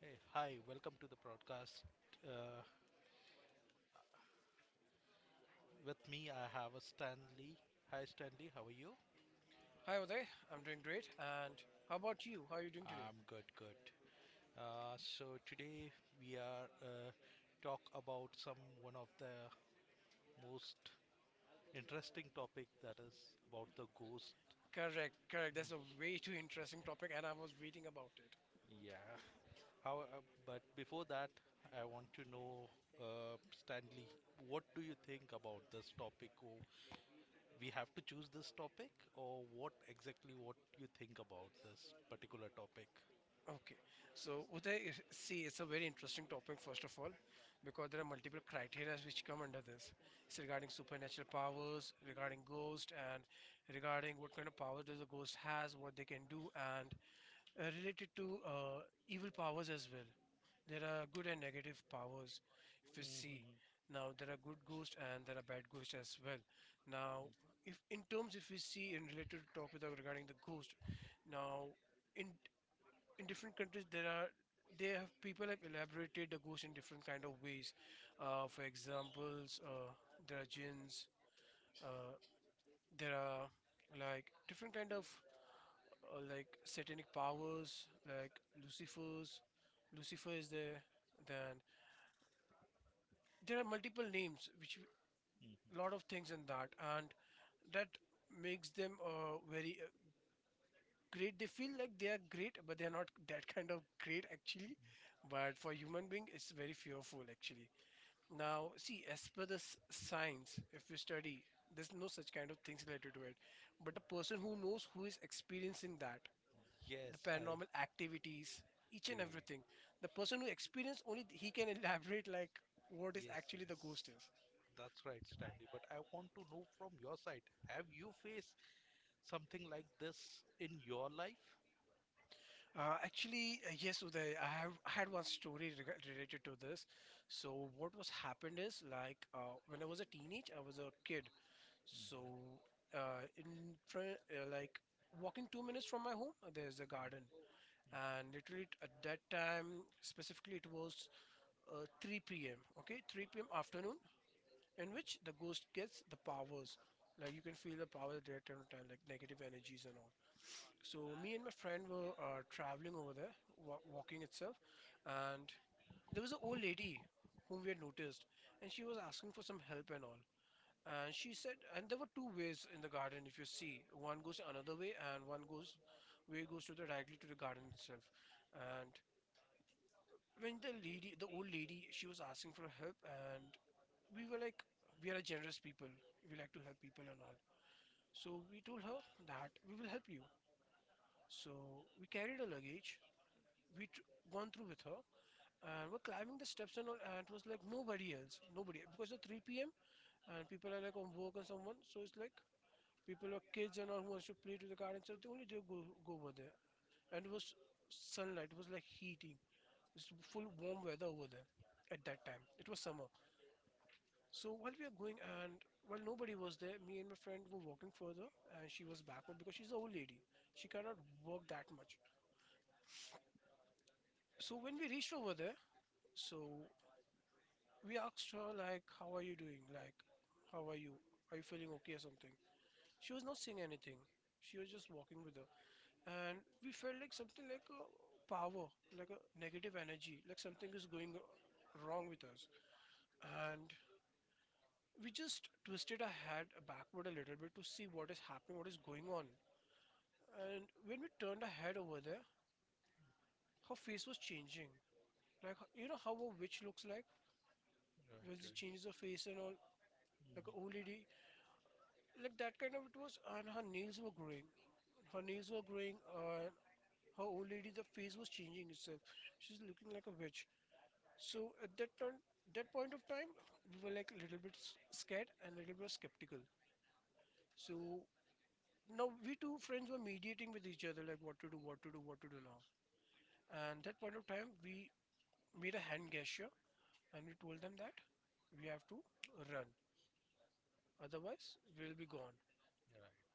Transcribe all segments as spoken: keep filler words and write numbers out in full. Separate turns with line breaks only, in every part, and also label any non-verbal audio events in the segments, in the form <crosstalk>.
Hey, hi, welcome to the broadcast. Uh, with me, I have a Stanley. Hi, Stanley, how are you?
Hi Uday, I'm doing great. And how about you? How are you doing today?
I'm good, good. Uh, so today we are uh, talk about some one of the most interesting topic that is about the ghost.
Correct, correct. That's a way too interesting topic, and I was reading about it.
Yeah. How? Uh, but before that, I want to know, uh, Stanley, what do you think about this topic? Oh, we have to choose this topic, or what exactly what you think about this particular topic?
Okay, so Uday, is- see, it's a very interesting topic, first of all, because there are multiple criteria which come under this. It's regarding supernatural powers, regarding ghost, and regarding what kind of power does a ghost has, what they can do, and uh, related to uh, evil powers as well. There are good and negative powers. If you see,
Mhm.
now there are good ghosts and there are bad ghosts as well. Now, if in terms if we see in related to talk without regarding the ghost, now in in different countries there are they have people have elaborated the ghost in different kind of ways. Uh, for examples, uh, there are jinns. Uh, there are like different kind of uh, like satanic powers, like Lucifer's. Lucifer is there. Then there are multiple names, which a lot of things in that, and that makes them uh, very uh, great. They feel like they are great, but they are not <laughs> that kind of great actually. But for human being, it's very fearful actually. Now, see, as per the s- science, if we study, there's no such kind of things related to it. But the person who knows who is experiencing that the
Yes, I
paranormal activities, each and
agree.
everything. The person who experienced only he can <laughs> elaborate like what is
Yes,
actually the
yes.
ghost is.
That's right, Stanley. But I want to know from your side, have you faced something like this in your life?
Uh, actually, uh, yes, Uday, I have I had one story reg- related to this. So what was happened is like uh, when I was a teenage, I was a kid.
Mhm.
So uh, in front, uh, like walking two minutes from my home, uh, there's a garden, and literally t- at that time specifically, it was uh, three p m. Okay, three p m afternoon, in which the ghost gets the powers. Like you can feel the power there time to time, like negative energies and all. So me and my friend were uh, traveling over there, wa- walking itself, and there was an old lady whom we had noticed, and she was asking for some help and all. And she said, and there were two ways in the garden. If you see, one goes another way, and one goes way goes to the directly to the garden itself. And when the lady, the old lady, she was asking for help, and we were like we are a generous people, we like to help people and all, so we told her that we will help you. So we carried her luggage, we tr- gone through with her, and we're climbing the steps and all, and it was like nobody else, nobody, because it's three p.m. and people are like on work and someone, so it's like people are kids and all who wants to play to the car and stuff, they only do go, go over there. And it was sunlight, it was like heating, it's full warm weather over there, at that time it was summer. So while we are going, and while nobody was there, me and my friend were walking further, and she was backward because she's an old lady. She cannot walk that much. So when we reached over there, so we asked her like, how are you doing? Like, how are you? Are you feeling okay or something? She was not saying anything. She was just walking with her. And we felt like something like a power, like a negative energy, like something is going wrong with us. And we just twisted our head backward a little bit to see what is happening, what is going on. And when we turned her head over there, her face was changing. Like you know how a witch looks like when
Right,
she
right.
changes her face and all, like
Mhm.
an old lady, like that kind of it was. And her nails were growing. Her nails were growing. Uh, her old lady, the face was changing itself. She's looking like a witch. So at that time, that point of time, we were like a little bit s- scared and a little bit skeptical. So now we two friends were mediating with each other, like what to do, what to do, what to do now. And that point of time, we made a hand gesture and we told them that we have to run, otherwise we'll be gone.
Right.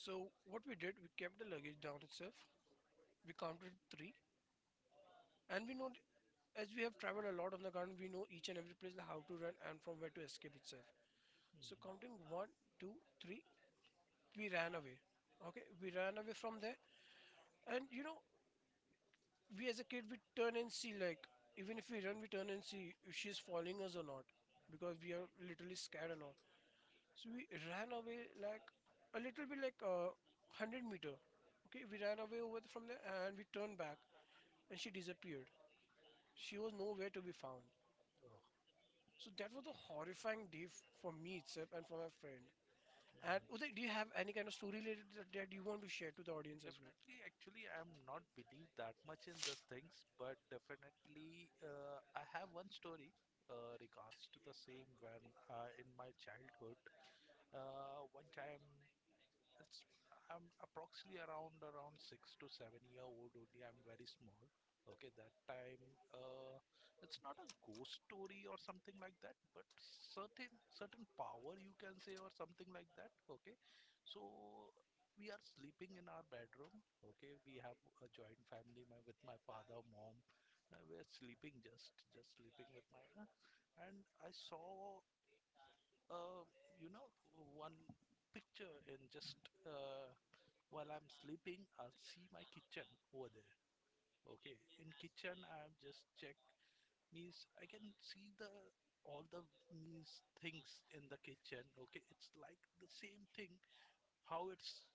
So what we did, we kept the luggage down itself, we counted three, and we know, as we have traveled a lot on the ground, we know each and every place how to run and from where to escape itself. So
Mhm.
counting one, two, three, we ran away. Okay, we ran away from there. And you know, we as a kid, we turn and see like, even if we run, we turn and see if she's following us or not, because we are literally scared and all. So we ran away like a little bit like uh, one hundred meter. Okay, we ran away over the, from there, and we turned back, and she disappeared. She was nowhere to be found. So that was a horrifying day f- for me itself and for my friend. And Uday, do you have any kind of story related that,
Oh.
that you want to share to the audience as well?
Definitely, actually, I'm not believe that much in these things, but definitely, uh, I have one story uh, regards to the same when uh, in my childhood, uh, one time it's I'm approximately around around six to seven year old only. I'm very small. Okay, that time uh, it's not a ghost story or something like that, but certain certain power you can say or something like that. Okay, so we are sleeping in our bedroom. Okay, we have a joint family my, with my father, mom. Uh, we're sleeping just just sleeping with my uh, and I saw uh, you know one picture in just uh, while I'm sleeping, I'll see my kitchen over there. Okay, in kitchen, I'm just check means I can see the all the means things in the kitchen. Okay, it's like the same thing. How it's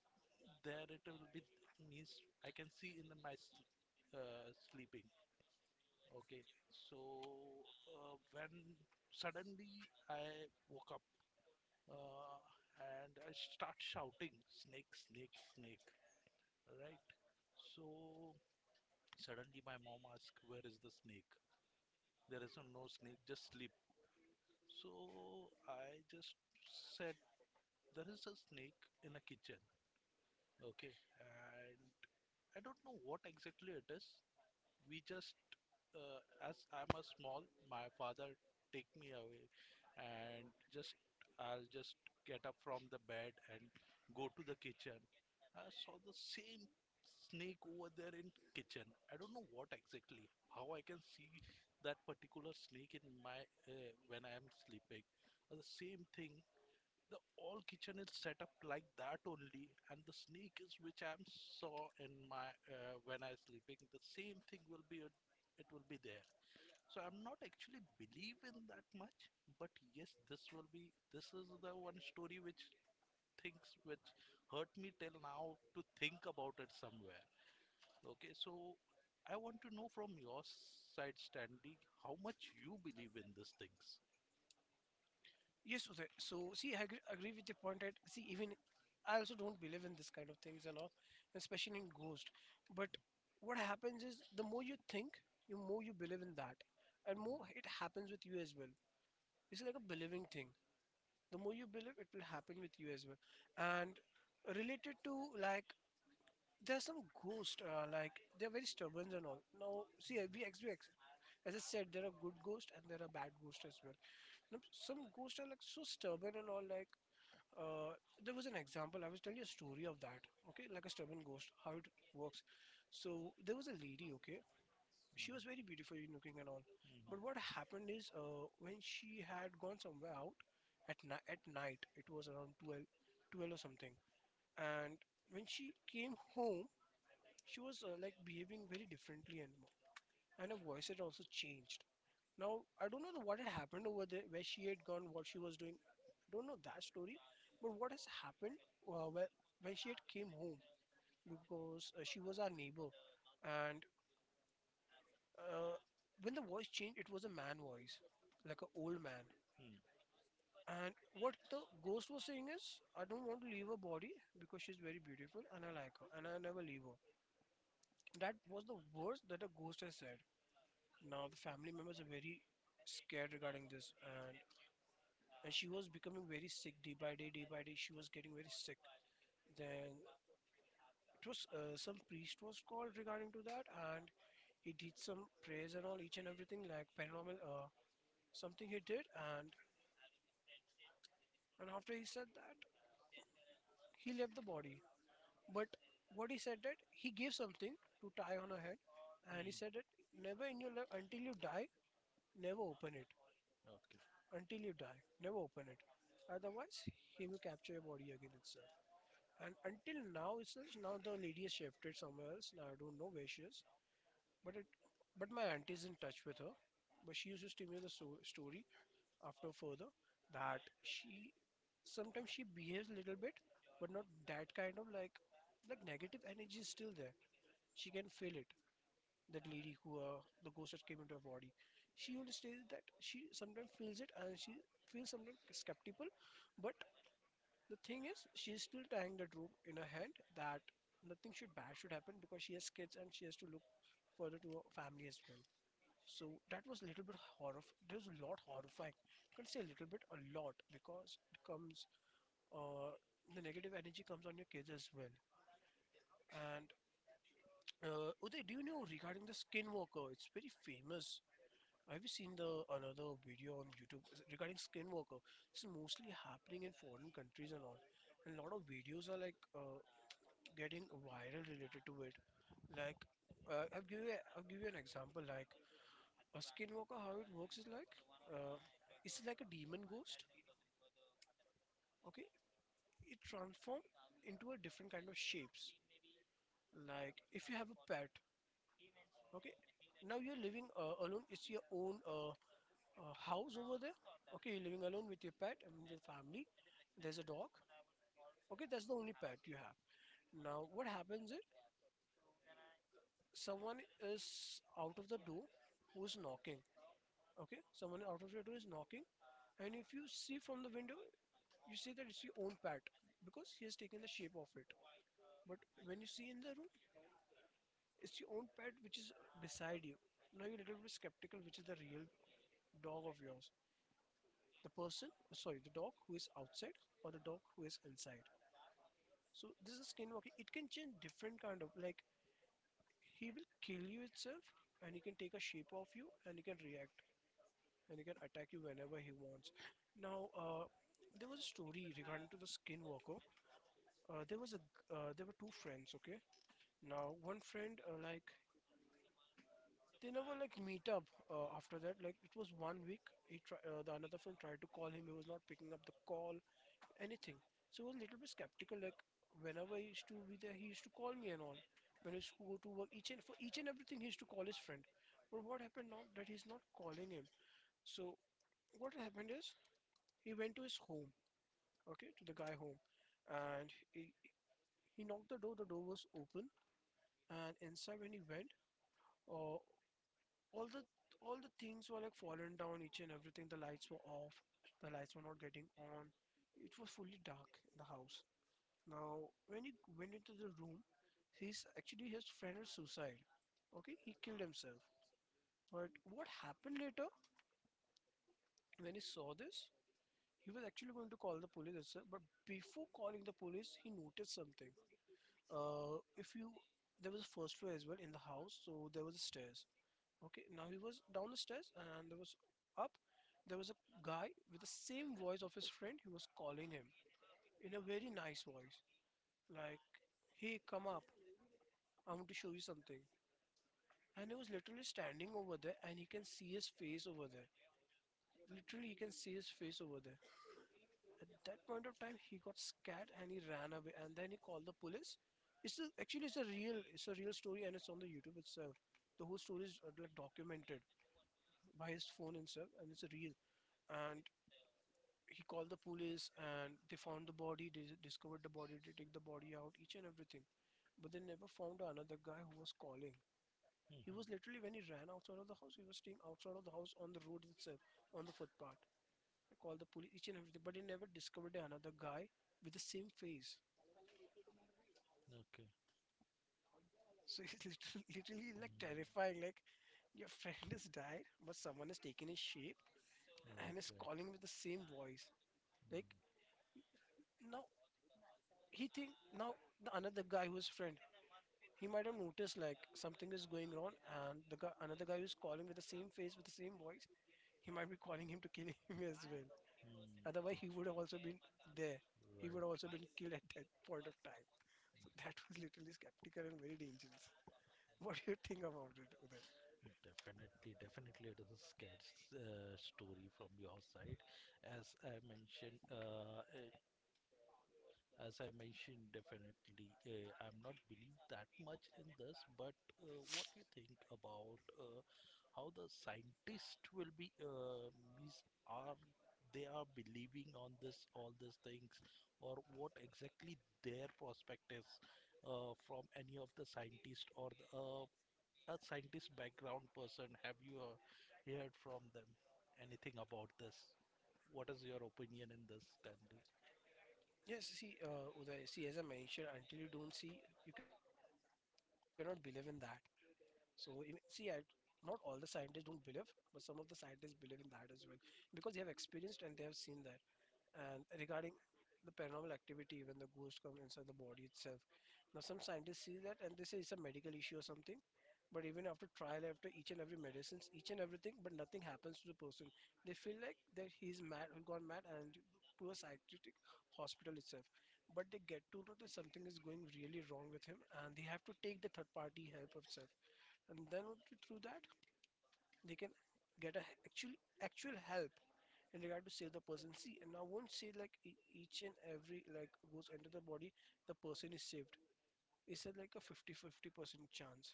there, it will be means I can see in the, my s- uh, sleeping. Okay, so uh, when suddenly I woke up uh, and I start shouting, snake, snake, snake, right? So suddenly, my mom asked, where is the snake? There is no snake, just sleep. So I just said, there is a snake in a kitchen. Okay. And I don't know what exactly it is. We just uh, as I'm a small, my father take me away and just I'll just get up from the bed and go to the kitchen. I saw the same snake over there in kitchen. I don't know what exactly, how I can see that particular snake in my uh, when I am sleeping. The same thing the all kitchen is set up like that only, and the snake is which I saw in my uh, when I sleeping. The same thing will be it it will be there. So I'm not actually believe in that much, but yes, this will be this is the one story which things which hurt me till now to think about it somewhere. Okay, so I want to know from your side, Stanley, how much you believe in these things.
Yes, Uday. So, see, I agree, agree with the point that, see, even I also don't believe in this kind of things and all, especially in ghost. But what happens is the more you think, you more you believe in that, and more it happens with you as well. It's like a believing thing. The more you believe, it will happen with you as well. And related to like, there are some ghosts, uh, like they're very stubborn and all. Now, see, uh, we, ex- we ex- as I said, there are good ghosts and there are bad ghosts as well. Now, some ghosts are like so stubborn and all, like uh, there was an example. I was telling you a story of that, okay, like a stubborn ghost, how it works. So there was a lady, okay, she
Mhm,
was very beautiful looking and all,
mhm.
but what happened is, uh, when she had gone somewhere out at ni- at night, it was around twelve, twelve or something, and when she came home, she was uh, like behaving very differently, and and her voice had also changed. Now, I don't know the, what had happened over there, where she had gone, what she was doing. I don't know that story. But what has happened uh, where, when she had came home, because uh, she was our neighbor. And uh, when the voice changed, it was a man voice, like an old man.
Hmm.
And what the ghost was saying is, I don't want to leave her body because she's very beautiful and I like her and I never leave her. That was the words that a ghost has said. Now, the family members are very scared regarding this, and and she was becoming very sick, day by day, day by day she was getting very sick. Then it was uh, some priest was called regarding to that, and he did some prayers and all, each and everything, like paranormal uh, something he did. and and after he said that he left the body, but what he said, that he gave something to tie on her head, and he said
Hmm.
that never in your life until you die, never open it,
Okay.
until you die never open it, otherwise he will capture your body again itself. And until now, it's now the lady has shifted somewhere else. Now I don't know where she is, but it, but my aunt is in touch with her. But she used to tell me the so- story after further that she sometimes she behaves a little bit, but not that kind of like like negative energy is still there. She can feel it. That lady who uh, the ghost that came into her body, she only states that she sometimes feels it and she feels sometimes skeptical, but the thing is, she is still tying that rope in her hand that nothing should bad should happen, because she has kids and she has to look further to her family as well. So that was a little bit horror. There's a lot horrifying. I can say a little bit, a lot, because it comes. Uh, the negative energy comes on your kids as well. And uh, Uday, do you know regarding the skinwalker? It's very famous. Have you seen the another video on YouTube regarding skinwalker? It's mostly happening in foreign countries and all. And a lot of videos are like uh, getting viral related to it. Like, uh, I'll give you, a, I'll give you an example. Like, a skinwalker, how it works is like, uh, it's like a demon ghost. Okay, it transforms into a different kind of shapes. Like, if you have a pet, okay, now you're living uh, alone. It's your own uh, uh, house over there. Okay, you're living alone with your pet and your family. There's a dog. Okay, that's the only pet you have. Now, what happens is someone is out of the door who's knocking. Okay, someone out of your is knocking, and if you see from the window, you see that it's your own pet because he has taken the shape of it. But when you see in the room, it's your own pet which is beside you. Now you're a little bit skeptical which is the real dog of yours. The person, sorry, the dog who is outside or the dog who is inside. So this is skinwalking. It can change different kind of like he will kill you itself and he can take a shape of you and he can react, and he can attack you whenever he wants. Now, uh, there was a story regarding to the Skinwalker. Uh, there was a g- uh, There were two friends. Okay, now one friend uh, like they never like meet up uh, after that. Like it was one week. He try, uh, the another friend tried to call him. He was not picking up the call. Anything. So he was a little bit skeptical. Like whenever he used to be there, he used to call me and all. When he used to go to work, each and for each and everything, he used to call his friend. But what happened now that he's not calling him? So what happened is he went to his home, okay, to the guy home. And he, he knocked the door, the door was open, and inside when he went, uh, all the all the things were like fallen down each and everything. The lights were off, the lights were not getting on. It was fully dark in the house. Now, when he went into the room, he's actually his friend is suicide. Okay, he killed himself. But what happened later when he saw this? He was actually going to call the police, itself, but before calling the police, he noticed something. Uh, if you There was a first floor as well in the house, so there was a stairs. Okay, now he was down the stairs and there was up. There was a guy with the same voice of his friend. He was calling him in a very nice voice, like, "Hey, come up! I want to show you something." And he was literally standing over there, and he can see his face over there. Literally, he can see his face over there. At that point of time, he got scared and he ran away. And then he called the police. It's a, actually it's a real it's a real story and it's on the YouTube itself. The whole story is uh, like documented by his phone himself and it's real. And he called the police and they found the body. They discovered the body. They take the body out, each and everything. But they never found another guy who was calling. He
Mhm.
was literally when he ran outside of the house. He was staying outside of the house on the road itself, on the footpath. I called the police, each and everything, but he never discovered another guy with the same face.
Okay.
So <laughs> it's literally, literally like terrifying. Like your friend has died, but someone has taken his shape and is calling with the same voice. Like
Mm.
now he think now the another guy who's friend he might have noticed like something is going wrong, and the guy, another guy who's calling with the same face with the same voice, he might be <laughs> calling him to kill him as well. Otherwise, he would have also been there. He would
Right,
have also
right.
been killed
Mm.
at
Okay.
that point of
Right.
time. So that was literally skeptical and very dangerous. <laughs> What do you think about it, Uday?
Definitely, definitely, it is a scared uh, story from your side. As I mentioned, uh, uh, As I mentioned, definitely, uh, I'm not believe that much in this, but uh, what do you think about uh, how the scientists will be uh, mis are they are believing on this all these things, or what exactly their perspectives uh, from any of the scientist or the, uh, a scientist background person? Have you uh, heard from them anything about this? What is your opinion in this, Stanley?
Yes, see, uh, Uday, see, as I mentioned, until you don't see, you cannot believe in that. So, even, see, I, not all the scientists don't believe, but some of the scientists believe in that as well because they have experienced and they have seen that. And regarding the paranormal activity, when the ghost comes inside the body itself, now some scientists see that and they say it's a medical issue or something. But even after trial, after each and every medicines, each and everything, but nothing happens to the person. They feel like that he's mad, he gone mad, and poor psychiatric hospital itself. But they get to know that something is going really wrong with him, and they have to take the third party help of self. And then only through that, they can get a h- actual actual help and regard to save the person. See, and I won't say like e- each and every like goes into the body, the person is saved. It's a, like a fifty-fifty percent chance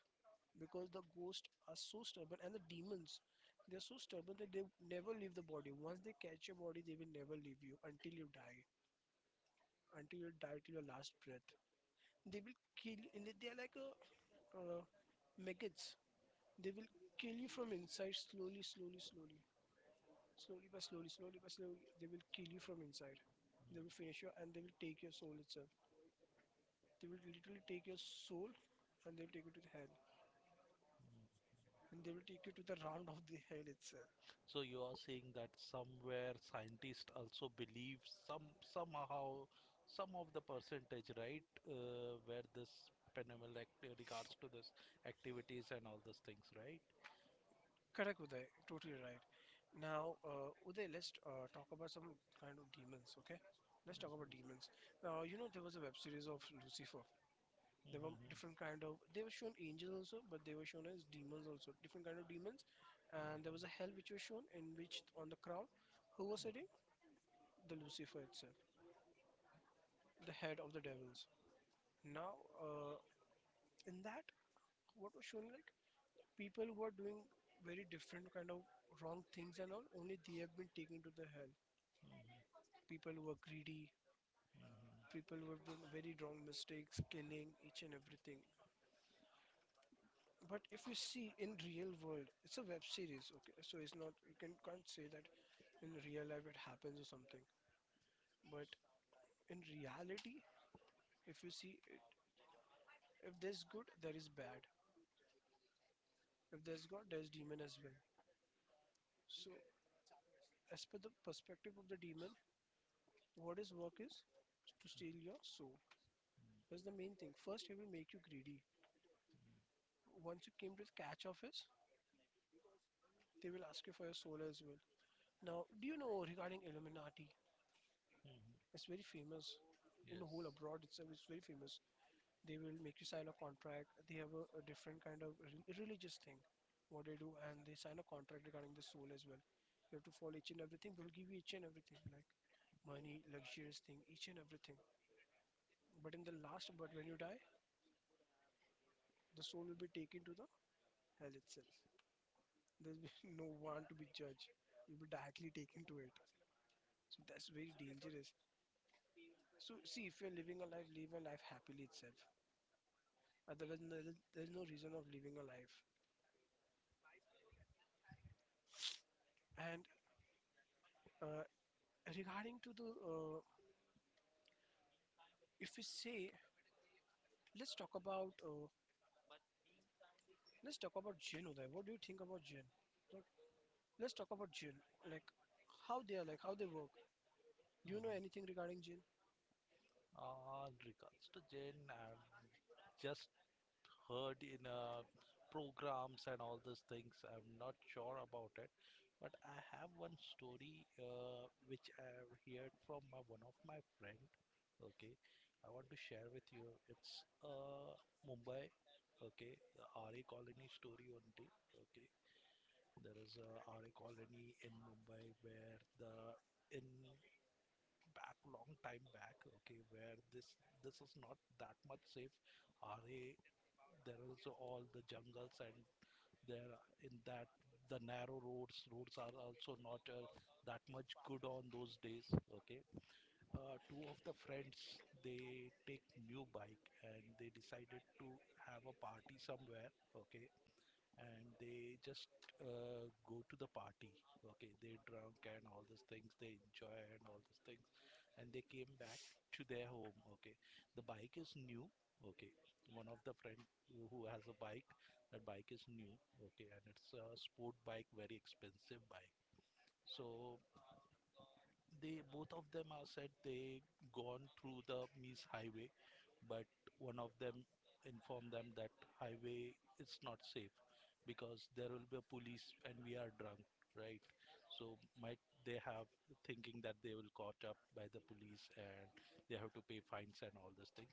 because the ghosts are so stubborn and the demons, they're so stubborn that they never leave the body. Once they catch your body, they will never leave you until you die, until you die till your last breath. They will kill you, and they are like a uh, maggots. They will kill you from inside slowly, slowly, slowly. Slowly but slowly, slowly but slowly, they will kill you from inside.
Mm.
They will finish you and they will take your soul itself. They will literally take your soul and they will take you to the hell. And they will take you to the round of the hell itself.
So you are saying that somewhere scientists also believe some somehow some of the percentage, right? Uh, where this phenomenal act regards to this activities and all those things, right?
Correct, Uday. Totally right. Now, uh, Uday, let's uh, talk about some kind of demons, okay? Let's talk about demons. Now, you know, there was a web series of Lucifer. There were different
Mm-hmm.
kind of. They were shown angels also, but they were shown as demons also. Different kind of demons, and there was a hell which was shown in which on the crown, who was sitting, the Lucifer itself, the head of the devils. Now, uh, in that, what was shown like people who are doing very different kind of wrong things and all, only they have been taken to the hell. People who are greedy, people who have done very wrong mistakes, killing each and everything. But if you see in real world, it's a web series, okay? So it's not you can can't say that in real life it happens or something. But in reality, if you see it, if there's good, there is bad. If there's God, there's demon as well. So as per the perspective of the demon, what his work is to steal your soul. That's the main thing. First, he will make you greedy. Once you came to the catch of his, they will ask you for your soul as well. Now, do you know regarding Illuminati? It's very famous in the whole
Yes.
abroad. It's, it's very famous. They will make you sign a contract. They have a, a different kind of re- religious thing, what they do, and they sign a contract regarding the soul as well. You have to follow each and everything. We'll give you each and everything, like money, luxurious thing, each and everything. But in the last, but when you die, the soul will be taken to the hell itself. There will be <laughs> no one to be judged. You'll be directly taken to it. So that's very dangerous. So see, if you're living a life, live a life happily itself. Otherwise, no- there's no reason of living a life. And uh, regarding to the, uh, if we say, let's talk about, uh, let's talk about jinn, Uday. What do you think about jinn? Like, let's talk about jinn. Like, how they are, like how they work. Do you know
Mhm.
anything regarding jinn?
Uh, in regards to Jane, I'm just heard in uh, programs and all these things. I'm not sure about it, but I have one story uh, which I've heard from my, one of my friend. Okay, I want to share with you. It's uh, Mumbai. Okay, the R A colony story only. Okay, there is a R A colony in Mumbai where the in back long time back, okay, where this this is not that much safe R A, there is all the jungles and there are- in that the narrow roads roads are also not uh, that much good on those days. Okay, uh, two of the friends, they take new bike and they decided to have a party somewhere, okay, and they just uh, go to the party. Okay, they drunk and all these things, they enjoy and all these things, and they came back to their home. Okay, the bike is new. Okay, one of the friend who who has a bike, that bike is new. Okay, and it's a sport bike, very expensive bike. So they both of them are said they gone through the Mies Highway, but one of them informed them that highway is not safe because there will be a police and we are drunk, right? So might they have thinking that they will caught up by the police and they have to pay fines and all those things.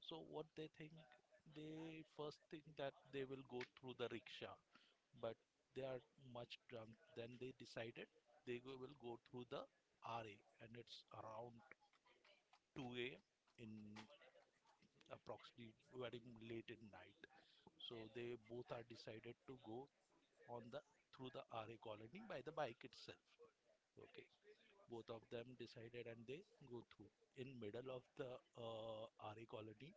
So what they think, they first think that they will go through the rickshaw, but they are much drunk. Then they decided they go- will go through the ra, and it's around two a m in approximately very late at night. So they both are decided to go on the through the R A colony by the bike itself. Okay, both of them decided and they go through. In middle of the uh, R A colony,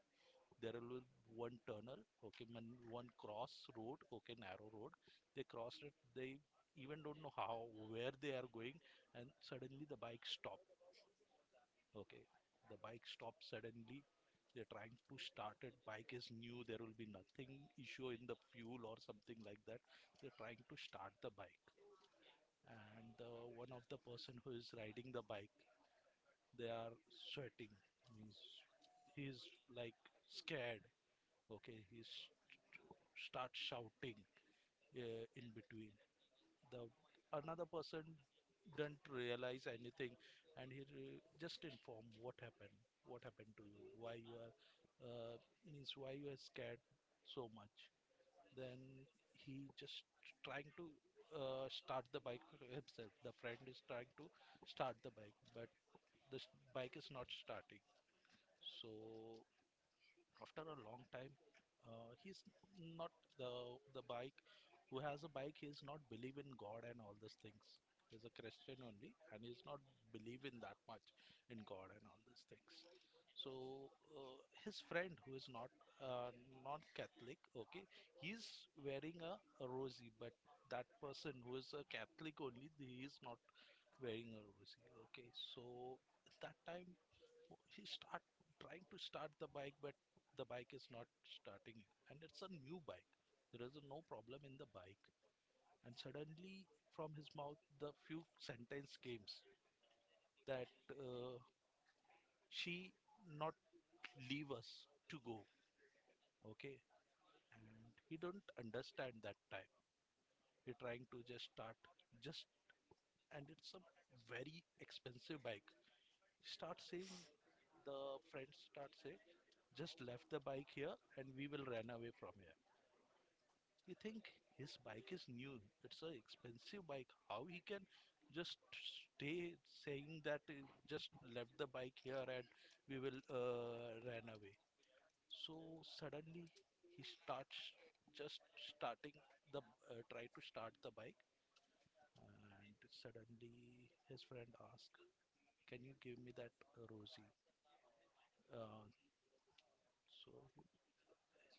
there will be one tunnel. Okay, one cross road. Okay, narrow road. They crossed it. They even don't know how where they are going, and suddenly the bike stop. Okay. The bike stops suddenly. They're trying to start it. Bike is new. There will be nothing issue in the fuel or something like that. They're trying to start the bike. And uh, one of the person who is riding the bike, they are sweating. Means he's like scared. Okay. He's st- starts shouting uh, in between. The another person didn't realize anything and he re- just inform, what happened, what happened to you, why you are uh, means why you are scared so much? Then he just trying to uh, start the bike himself, the friend is trying to start the bike, but this bike is not starting. So after a long time uh, he's not the the bike who has a bike, he's not believe in god and all these things, he's a Christian only and he's not believe in that much in god and all these things. So uh, his friend who is not uh, non Catholic, okay, he's wearing a, a rosy, but that person who is a Catholic only, he is not wearing a rosy. Okay, so that time he start trying to start the bike, but the bike is not starting, and it's a new bike, there is no problem in the bike. And suddenly from his mouth the few sentence came that uh, she not leave us to go. Okay, and he don't understand that time, he trying to just start just, and it's a very expensive bike, start saying the friends start say, just left the bike here and we will run away from here. You think his bike is new, it's an expensive bike. How he can just stay saying that he just left the bike here and we will uh, run away. So suddenly he starts just starting the uh, try to start the bike, and suddenly his friend asks, "Can you give me that uh, Rosie?" Uh, so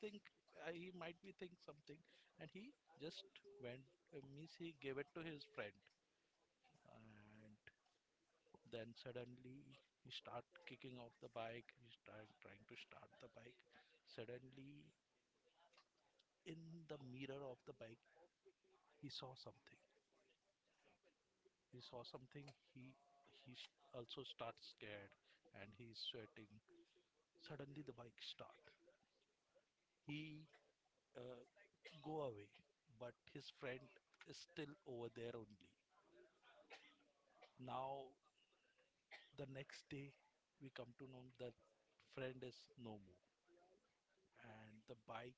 I think uh, he might be think something and he just went, uh, means he gave it to his friend. And then suddenly he start kicking off the bike, he start trying to start the bike. Suddenly in the mirror of the bike he saw something, he saw something, he he s- also starts scared and he's sweating. Suddenly the bike start, he uh, go away, but his friend is still over there only. Now, the next day we come to know that friend is no more, and the bike...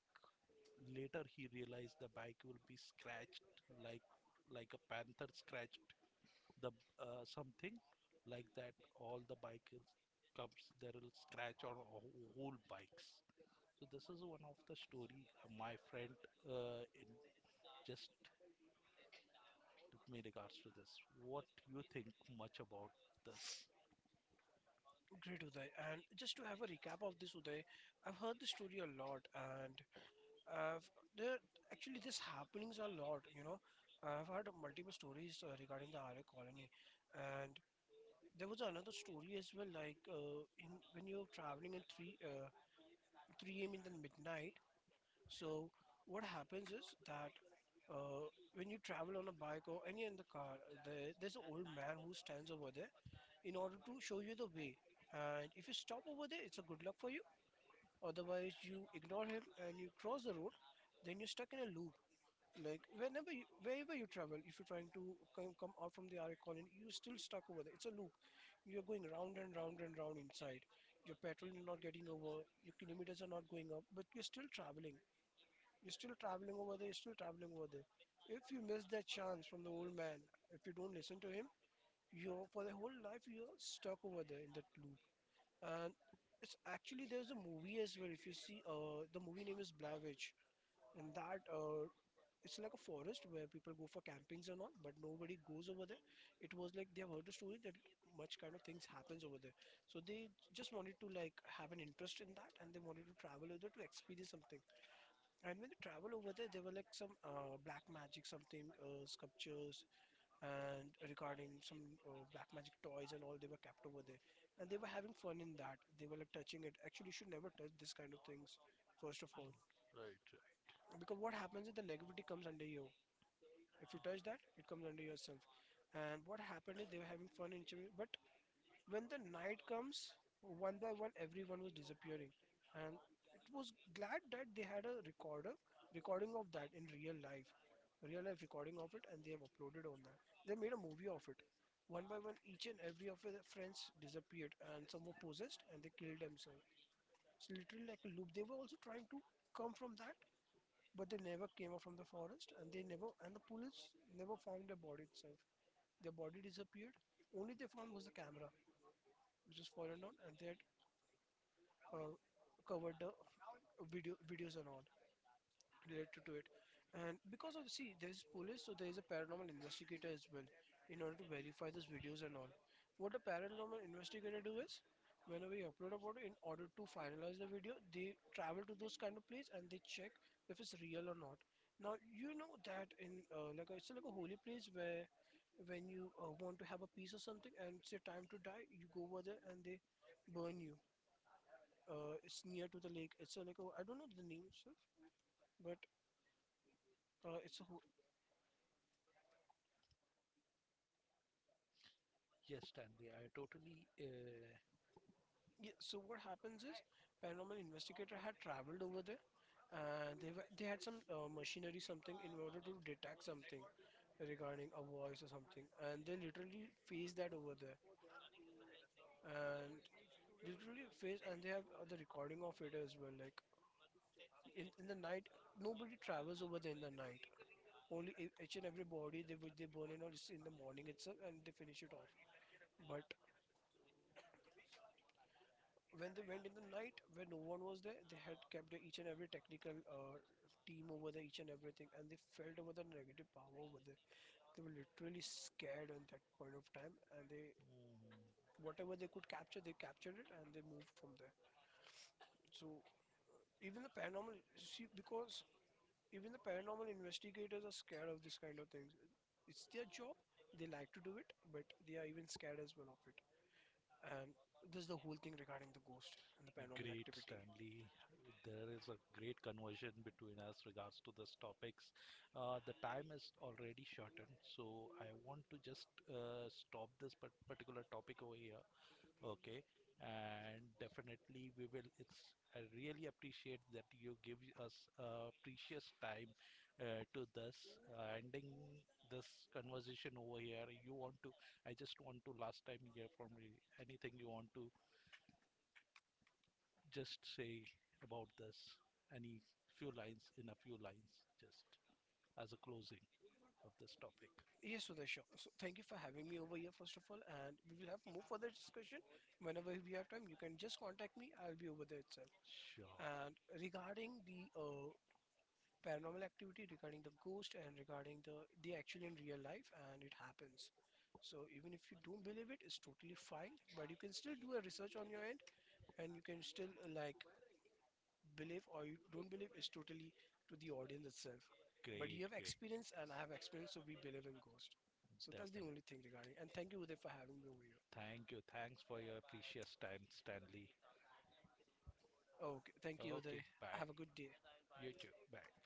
Later, he realized the bike will be scratched like like a panther scratched the uh, something like that. All the bikers comes there will scratch on wh- whole bikes. So this is one of the story uh, my friend uh, in just me regards to this. What you think much about this?
Great, Uday. And just to have a recap of this, Uday, I've heard the story a lot, and I've there actually this happenings a lot. You know, I've heard multiple stories uh, regarding the Arya colony, and there was another story as well, like uh, in when you're traveling at three uh, three a m in the midnight. So what happens is that uh, when you travel on a bike or any in the car, there, there's an old man who stands over there in order to show you the way. And if you stop over there, it's a good luck for you. Otherwise, you ignore him and you cross the road, then you're stuck in a loop. Like whenever, you, wherever you travel, if you're trying to come, come out from the R A colony, you're still stuck over there. It's a loop. You're going round and round and round inside. Your petrol is not getting over. Your kilometers are not going up, but you're still traveling. You're still traveling over there. You're still traveling over there. If you miss that chance from the old man, if you don't listen to him, you're for the whole life you're stuck over there in that loop, and it's actually, there's a movie as well. If you see, uh the movie name is Blair Witch. And that uh It's like a forest where people go for campings and all, but nobody goes over there. It was like they have heard a story that much kind of things happens over there. So they just wanted to like have an interest in that, and they wanted to travel over there to experience something. And when they travel over there, there were like some uh, black magic something, uh, sculptures, and regarding some uh, black magic toys and all, they were kept over there. And they were having fun in that. They were like touching it. Actually, you should never touch this kind of things, first of all,
Right, right.
because what happens is the negativity comes under you. If you touch that, it comes under yourself. And what happened is they were having fun in each other, but when the night comes, one by one, everyone was disappearing, and it was glad that they had a recorder, recording of that in real life, real life recording of it, and they have uploaded on that. They made a movie of it. One by one, each and every of their friends disappeared, and some were possessed, and they killed themselves. It's literally like a loop. They were also trying to come from that, but they never came out from the forest, and they never, and the police never found their body itself. Their body disappeared. Only they found was the camera, which was fallen down, and they had uh, covered the video videos and all related to it. And because of, see, there's police, so there is a paranormal investigator as well, in order to verify those videos and all. What a paranormal investigator do is, whenever you upload a photo in order to finalize the video, they travel to those kind of place and they check if it's real or not. Now you know that in uh, like a, it's like a holy place where when you uh, want to have a peace or something, and it's your time to die, you go over there and they burn you. Uh, it's near to the lake. It's a, like a, I don't know the name stuff, but uh, it's a ho-
Yes, Stanley, I totally uh,
yeah. So what happens is paranormal investigator had traveled over there, and they were, they had some uh, machinery something in order to detect something regarding a voice or something, and they literally faced that over there, and literally faced, and they have uh, the recording of it as well. Like in in the night, nobody travels over there in the night. Only e- each and every body they would they burn and all is in the morning itself, and they finish it off. But when they went in the night, when no one was there, they had kept the each and every technical uh, team over there, each and everything, and they felt over the negative power over there. They were literally scared at that point of time, and they,
mm,
whatever they could capture, they captured it, and they moved from there. So even the paranormal, see, because even the paranormal investigators are scared of this kind of things. It's their job, they like to do it, but they are even scared as well of it. And this is the whole thing regarding the ghost and the paranormal
great,
activity.
Stanley. There is a great conversion between us regards to this topics. Uh, the time is already shortened, so I want to just uh, stop this par- particular topic over here. Okay, and definitely we will. It's I really appreciate that you give us uh, precious time uh, to this uh, ending this conversation over here. You want to? I just want to last time hear from you anything you want to just say about this? Any few lines, in a few lines, just as a closing of this topic.
Yes, Sudhir, sure. So thank you for having me over here, first of all, and we will have more further discussion whenever we have time. You can just contact me; I'll be over there itself.
Sure.
And regarding the uh, paranormal activity, regarding the ghost, and regarding the the actual in real life, and it happens. So even if you don't believe it, it's totally fine. But you can still do a research on your end, and you can still uh, like believe, or you don't believe is totally to the audience itself. But
Great,
you have
great.
experience and I have experience, so we believe in ghost.
Yes,
So that's the
definitely.
only thing regarding. And thank you, Uday, for having me over here.
Thank you. Thanks for your precious time, Stanley.
Okay, thank you, Uday.
Okay, bye.
Have a good day.
You too. Bye.